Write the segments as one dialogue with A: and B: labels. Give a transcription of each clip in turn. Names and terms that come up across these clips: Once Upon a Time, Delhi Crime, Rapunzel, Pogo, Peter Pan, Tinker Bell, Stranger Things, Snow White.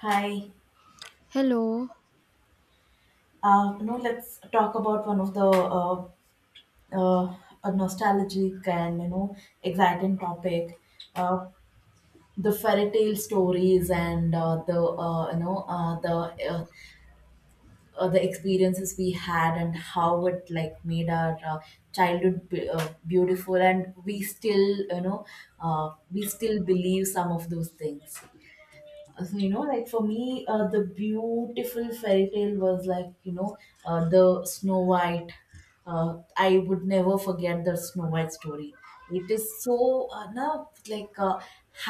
A: Hi.
B: Hello.
A: You know, let's talk about one of the uh, a nostalgic and you know exciting topic, uh, the fairy tale stories and the the experiences we had and how it like made our childhood beautiful, and we still we still believe some of those things. So you know, like for me the beautiful fairy tale was like you know the Snow White. I would never forget the Snow White story. It is so now like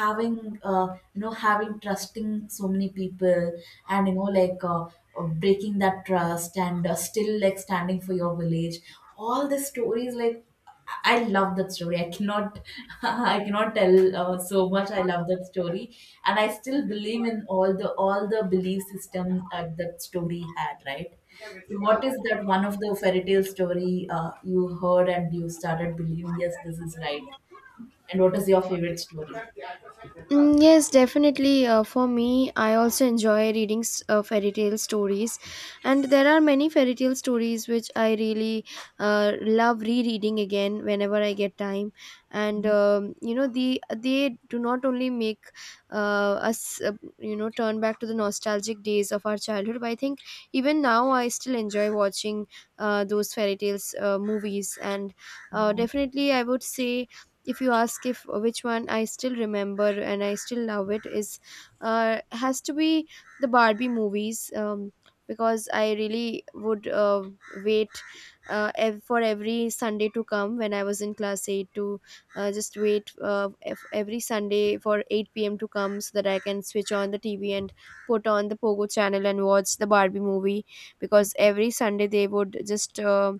A: having you know, having trusting so many people and you know, like breaking that trust and still like standing for your village, all the stories like I love that story. I cannot, I cannot tell so much. I love that story, and I still believe in all the belief system that story had. Right. So, what is that one of the fairy tale story you heard and you started believing? Yes, this is right. And what is your favorite story?
B: Mm, yes, definitely. For me, I also enjoy reading fairy tale stories, and there are many fairy tale stories which I really love rereading again whenever I get time. And they do not only make us uh, turn back to the nostalgic days of our childhood, but I think even now I still enjoy watching those fairy tales movies. And
A: Yeah,
B: definitely, I would say, if you ask if which one I still remember and I still love, it is has to be the Barbie movies, because I really would wait for every Sunday to come when I was in class 8, to just wait every Sunday for 8 p.m. to come so that I can switch on the TV and put on the Pogo channel and watch the Barbie movie, because every Sunday they would just uh,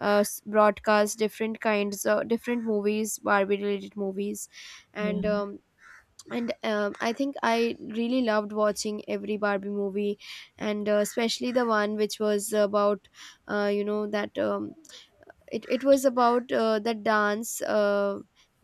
B: uh, s- broadcast different kinds of different movies, barbie related movies,
A: yeah,
B: and um, and I think I really loved watching every barbie movie, and especially the one which was about, you know that it was about the dance,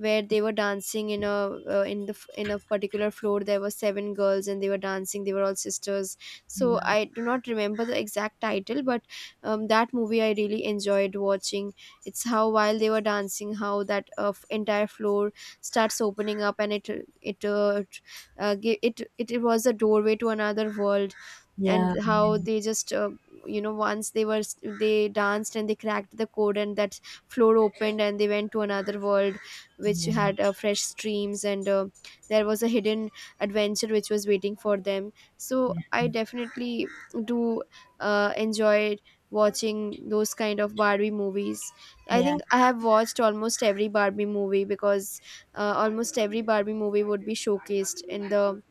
B: where they were dancing in a in the f- in a particular floor, there were seven girls and they were dancing, they were all sisters. So
A: yeah,
B: I do not remember the exact title, but that movie I really enjoyed watching. It's how, while they were dancing, how that entire floor starts opening up, and it uh, t- it was a doorway to another world.
A: yeah,
B: And how they just once they danced and they cracked the code, and that floor opened and they went to another world, which
A: yeah,
B: had fresh streams, and there was a hidden adventure which was waiting for them. So I definitely do enjoy watching those kind of barbie movies. I
A: yeah,
B: think I have watched almost every barbie movie, because almost every barbie movie would be showcased in the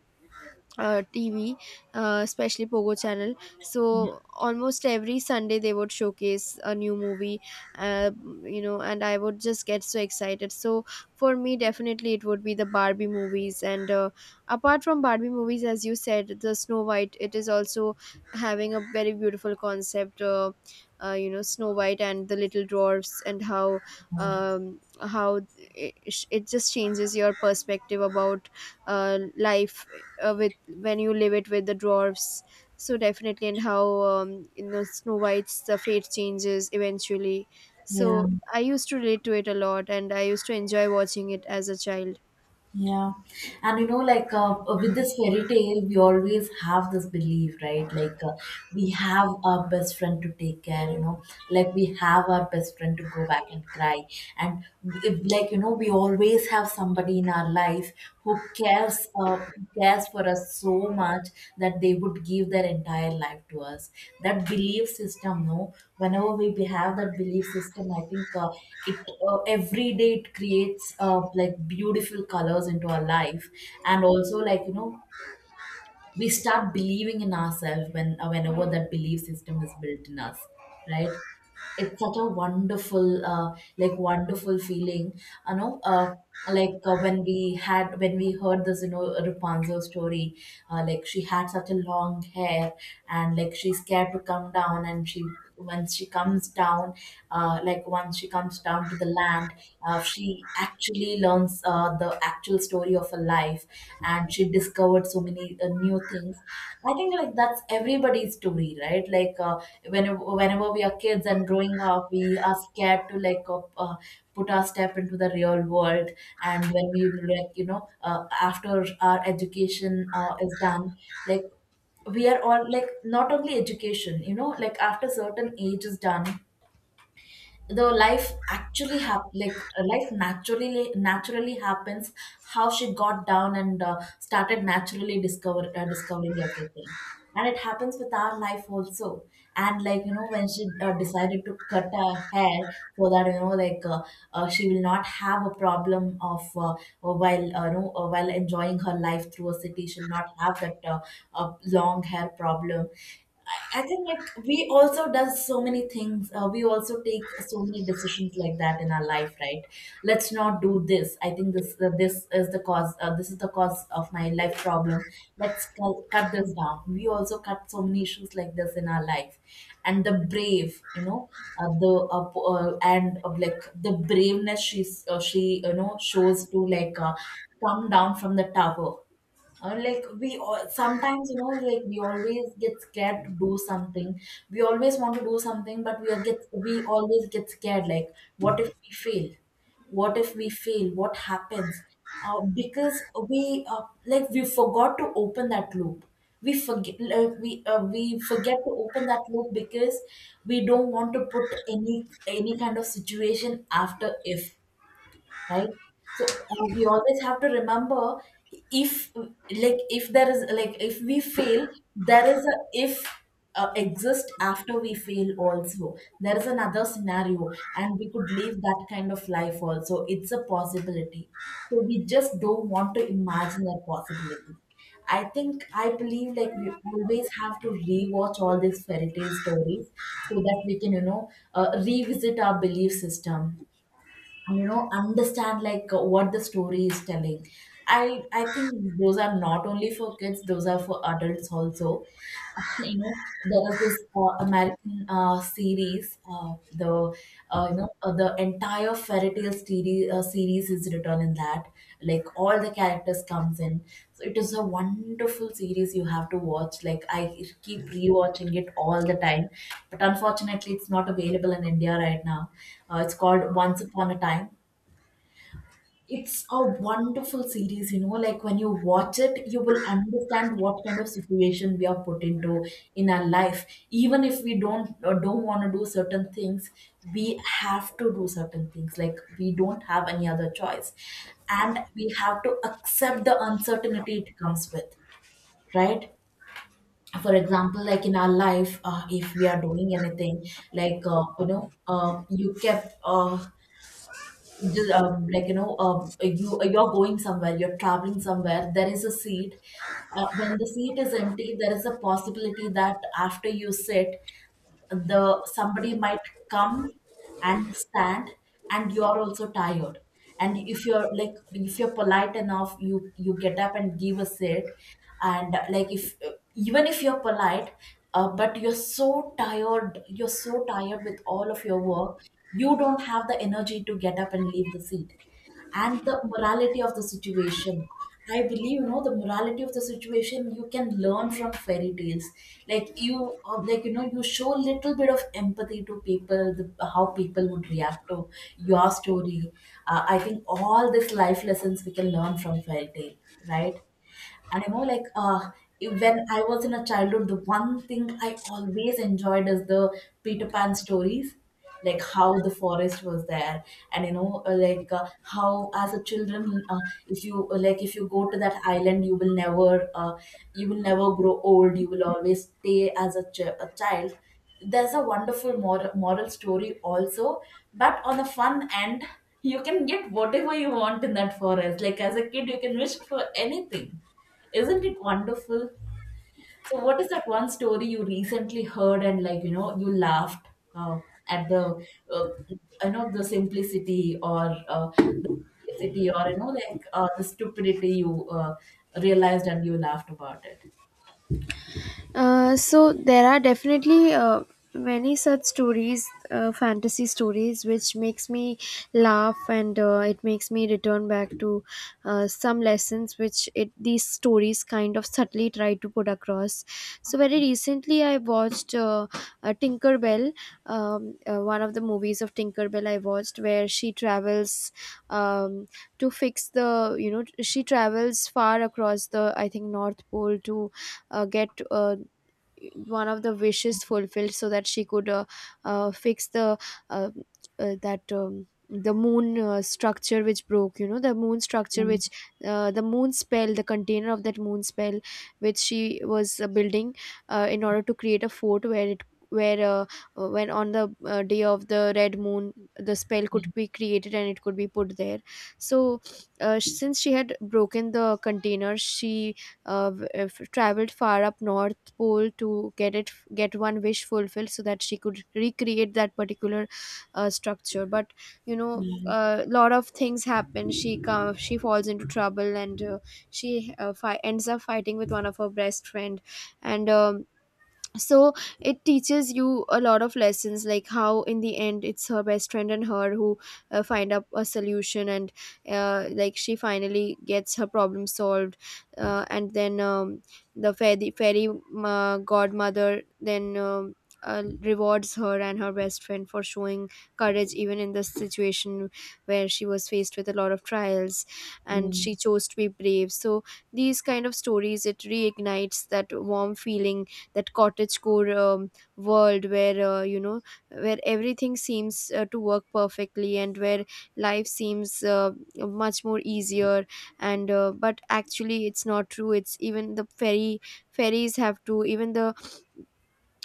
B: TV, especially Pogo channel. So almost every Sunday they would showcase a new movie, uh, and I would just get so excited. So for me, definitely it would be the Barbie movies. And apart from Barbie movies, as you said, the Snow White, it is also having a very beautiful concept. You know, Snow White and the Little Dwarfs, and how how it just changes your perspective about life, with when you live it with the dwarfs. So definitely, and how snow white's the fate changes eventually.
A: yeah.
B: So I used to relate to it a lot and I used to enjoy watching it as a child.
A: Yeah. And you know, like with this fairy tale, we always have this belief, right? Like we have our best friend to take care, you know, like we have our best friend to go back and cry. And if, like, you know, we always have somebody in our life who cares for us so much that they would give their entire life to us. That belief system, no, whenever we have that belief system, I think it every day it creates like beautiful colors into our life, and also, like you know, we start believing in ourselves when whenever that belief system is built in us. Right. It's such a wonderful like wonderful feeling, you know. Like when we had when we heard this, you know, Rapunzel story, like she had such a long hair, and like she's scared to come down, and she once she comes down, like once she comes down to the land, she actually learns the actual story of her life, and she discovered so many new things. I think like that's everybody's story, right? Like whenever we are kids and growing up, we are scared to like put our step into the real world. And when we like, you know, after our education is done, like we are all like, not only education, you know, like after certain age is done, the life actually like life naturally happens. How she got down and started naturally discovering everything, and it happens with our life also. And like, you know, when she decided to cut her hair so that, you know, like she will not have a problem of while you know, while enjoying her life through a city, she'll not have that long hair problem. I think like we also does so many things. We also take so many decisions like that in our life, right? Let's not do this. I think this this is the cause. This is the cause of my life problem. Let's cut this down. We also cut so many issues like this in our life, and the brave, you know, and of like the braveness she's she, you know, shows to like come down from the tower. Like we all, sometimes, you know, like we always get scared to do something. We always want to do something, but we are get we always get scared, like what if we fail, what if we fail, what happens? Because we like we forgot to open that loop. We forget we forget to open that loop because we don't want to put any kind of situation after if, right? So we always have to remember, if like if there is like if we fail, there is a if exist after we fail also, there is another scenario, and we could live that kind of life also. It's a possibility, so we just don't want to imagine that possibility. I think I believe like we always have to rewatch all these fairy tale stories so that we can, you know, revisit our belief system and you know understand like what the story is telling. I think those are not only for kids, those are for adults also. You know, there is this American series, the you know, the entire fairy tale series, series is written in that. Like all the characters comes in, so it is a wonderful series. You have to watch. Like I keep rewatching it all the time, but unfortunately it's not available in India right now. It's called Once Upon a Time. It's a wonderful series, you know, like when you watch it, you will understand what kind of situation we are put into in our life. Even if we don't or don't want to do certain things, we have to do certain things. Like we don't have any other choice. And we have to accept the uncertainty it comes with, right? For example, like in our life, if we are doing anything, like you know, you kept like you know, you you're going somewhere, you're traveling somewhere, there is a seat. When the seat is empty, there is a possibility that after you sit, the somebody might come and stand, and you're also tired. And if you're like if you're polite enough, you get up and give a sit. And like if even if you're polite, but you're so tired, you're so tired with all of your work, you don't have the energy to get up and leave the seat. And the morality of the situation, I believe, you know, the morality of the situation you can learn from fairy tales, like you like, you know, you show a little bit of empathy to people, the, how people would react to your story. I think all these life lessons we can learn from fairy tale, right? And you know, like when I was in a childhood, the one thing I always enjoyed is the Peter Pan stories, like how the forest was there, and you know, like how as a children, if you like, if you go to that island, you will never grow old. You will always stay as a, a child. There's a wonderful moral story also, but on the fun end, you can get whatever you want in that forest. Like as a kid, you can wish for anything. Isn't it wonderful? So, what is that one story you recently heard and like you know you laughed uh, at the uh, you the simplicity or the simplicity or, you know, like the stupidity you realized and you laughed about it.
B: So there are definitely many such stories, fantasy stories, which makes me laugh, and it makes me return back to some lessons which it these stories kind of subtly try to put across. So very recently I watched Tinker Bell, one of the movies of Tinker Bell I watched, where she travels, um, to fix the you know she travels far across the, I think, North Pole to get one of the wishes fulfilled so that she could fix uh, the moon structure which broke, the moon structure
A: Mm,
B: which, the moon spell, the container of that moon spell which she was building in order to create a fort, where it where when, on the day of the red moon, the spell could be created and it could be put there. So since she had broken the container, she traveled far up north, North Pole, to get one wish fulfilled so that she could recreate that particular structure. But
A: yeah.
B: a lot of things happen, she falls into trouble, and she ends up fighting with one of her best friend. And um, so it teaches you a lot of lessons, like how, in the end, it's her best friend and her who find up a solution, and like she finally gets her problem solved. And then, the fairy godmother then rewards her and her best friend for showing courage even in this situation, where she was faced with a lot of trials and
A: Mm,
B: she chose to be brave. So these kind of stories, it reignites that warm feeling, that cottagecore world, where everything seems to work perfectly, and where life seems much more easier. And But actually it's not true. It's, even the ferry ferries have to, even the,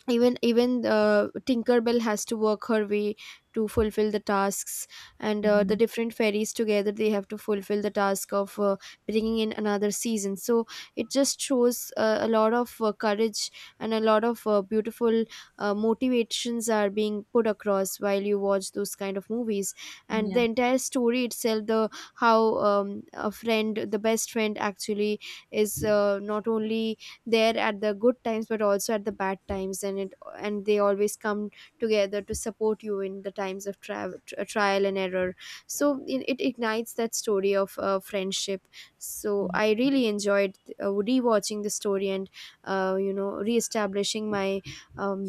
B: even Tinkerbell has to work her way to fulfill the tasks. And the
A: mhm,
B: different fairies together, they have to fulfill the task of bringing in another season. So it just shows a lot of courage and a lot of beautiful motivations are being put across while you watch those kind of movies. And
A: yeah.
B: the entire story itself, the best friend actually is not only there at the good times but also at the bad times, and it and they always come together to support you in the times of trial and error. So it ignites that story of friendship. So I really enjoyed rewatching the story, and reestablishing my um,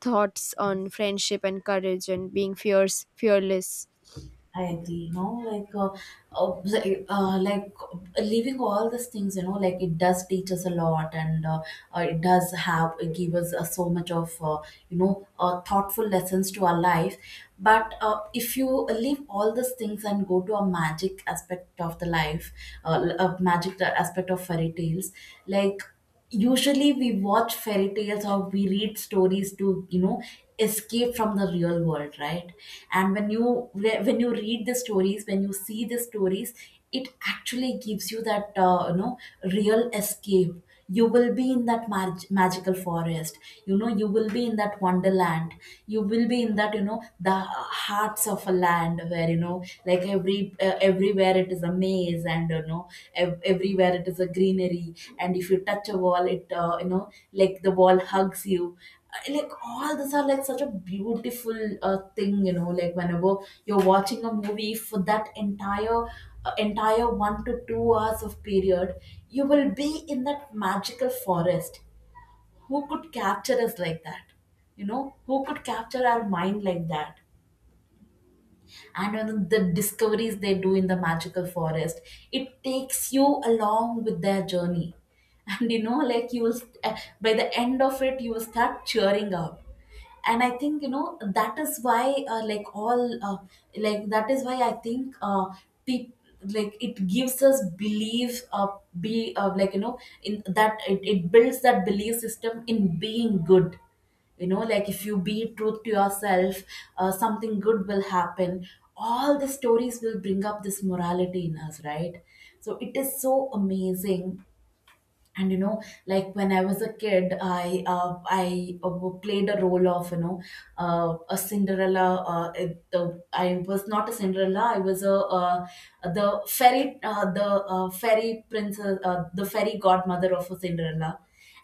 B: thoughts on friendship and courage and being fierce fearless.
A: I agree. No, like leaving all these things, you know, like it does teach us a lot, and it does have give us so much of thoughtful lessons to our life. But if you leave all these things and go to a magic aspect of the life, a magic aspect of fairy tales, like usually we watch fairy tales or we read stories to, you know, escape from the real world, right? And when you read the stories, when you see the stories, it actually gives you that you know, real escape. You will be in that magical forest. You know, you will be in that wonderland. You will be in that, you know, the hearts of a land where, you know, like every, everywhere it is a maze, and you know, everywhere it is a greenery. And if you touch a wall, it you know, like the wall hugs you. Like all these are like such a beautiful thing, you know, like whenever you're watching a movie for that entire 1 to 2 hours of period, you will be in that magical forest. Who could capture us like that? You know, who could capture our mind like that? And on the discoveries they do in the magical forest, it takes you along with their journey, and you know, like you will by the end of it, you will start cheering up. And I think, you know, that is why like all like that is why I think people, like it gives us belief. Be Like, you know, in that, it builds that belief system in being good. You know, like if you be truth to yourself, something good will happen. All the stories will bring up this morality in us, right? So it is so amazing. And you know, like when I was a kid, I played a role of, you know, a Cinderella. I was not a Cinderella. I was a the fairy princess, the fairy godmother of a Cinderella.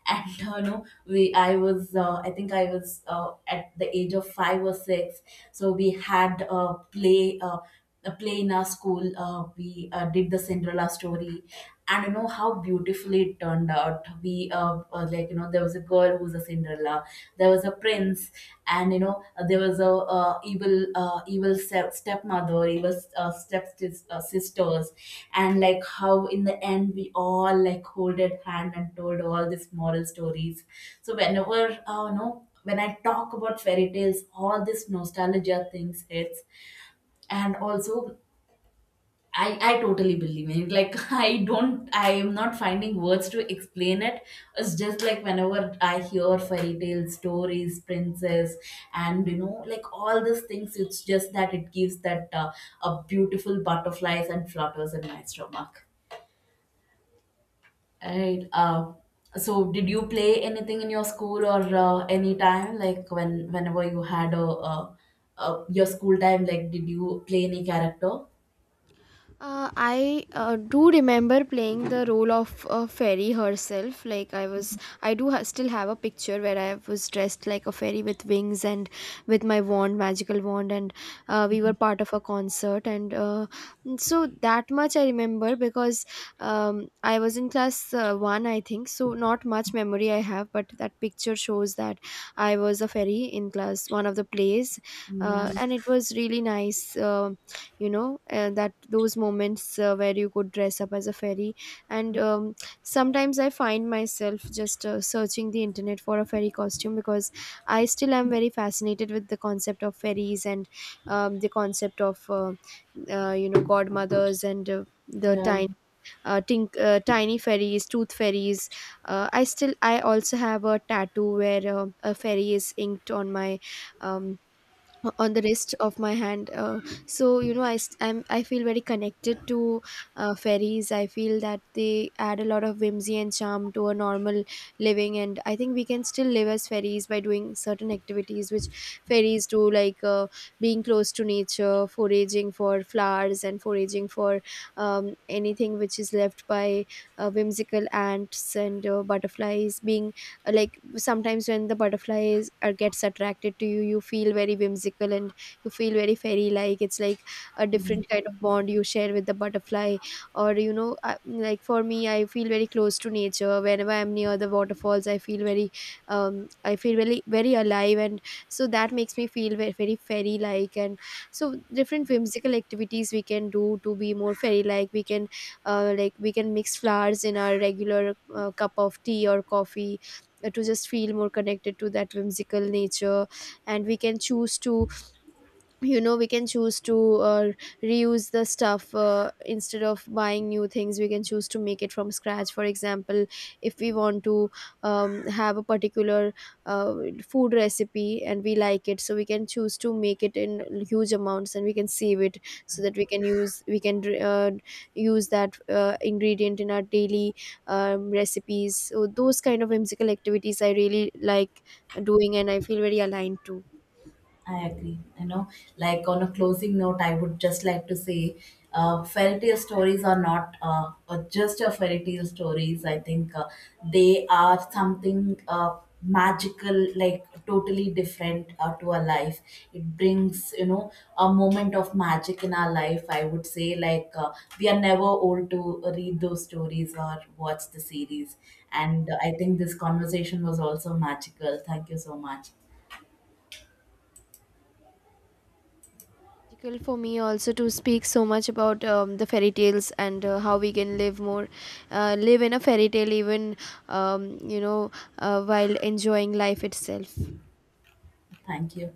A: And you know, we I was I think I was at the age of 5 or 6. So we had a play, a play in our school. We did the Cinderella story. And you know, how beautifully it turned out. We Like you know, there was a girl who was a Cinderella, there was a prince, and you know, there was a evil stepmother, evil step sisters. And like how in the end we all like holded hand and told all these moral stories. So whenever you know, when I talk about fairy tales, all this nostalgia things hits. And also I totally believe in it. Like I don't I am not finding words to explain it. It's just like whenever I hear fairy tales, stories, princess, and you know, like all these things, it's just that it gives that a beautiful butterflies and flutters in my stomach. Right. So did you play anything in your school or any time, like when whenever you had a your school time, like did you play any character?
B: I do remember playing the role of a fairy herself. Like, I was, I do ha- still have a picture where I was dressed like a fairy with wings and with my wand, magical wand, and we were part of a concert. And so that much I remember, because I was in class 1, I think. So not much memory I have, but that picture shows that I was a fairy in class 1 of the plays,
A: Yeah.
B: and it was really nice. You know that those moments where you could dress up as a fairy, and sometimes I find myself just searching the internet for a fairy costume, because I still am very fascinated with the concept of fairies, and the concept of godmothers, and the
A: Yeah.
B: tiny uh, tink, uh, tiny fairies, tooth fairies. I also have a tattoo where a fairy is inked on my um, on the wrist of my hand, so I feel very connected to fairies. I feel that they add a lot of whimsy and charm to a normal living, and I think we can still live as fairies by doing certain activities which fairies do, like being close to nature, foraging for flowers and foraging for anything which is left by whimsical ants and butterflies, being like sometimes when the butterfly is or gets attracted to you, you feel very whimsical, and you feel very fairy like. It's like a different kind of bond you share with the butterfly. Or, you know I, like for me, I feel very close to nature whenever I'm near the waterfalls. I feel very, very alive. And so that makes me feel very, very fairy like. And so different whimsical activities we can do to be more fairy like. We can mix flowers in our regular cup of tea or coffee, to just feel more connected to that whimsical nature. And we can choose to, you know we can choose to uh, reuse the stuff, instead of buying new things. We can choose to make it from scratch. For example, if we want to have a particular uh, food recipe and we like it, so we can choose to make it in huge amounts, and we can save it, so that we can use that ingredient in our daily recipes. So those kind of whimsical activities I really like doing, and I feel very aligned to.
A: I agree. You know, like on a closing note, I would just like to say, fairy tale stories are not just a fairy tale stories. I think they are something magical, like totally different to our life. It brings, you know, a moment of magic in our life. I would say, like we are never old to read those stories or watch the series. And I think this conversation was also magical. Thank you so much.
B: Magical for me also, to speak so much about the fairy tales, and how we can live in a fairy tale, even, um, you know while enjoying life itself.
A: Thank you.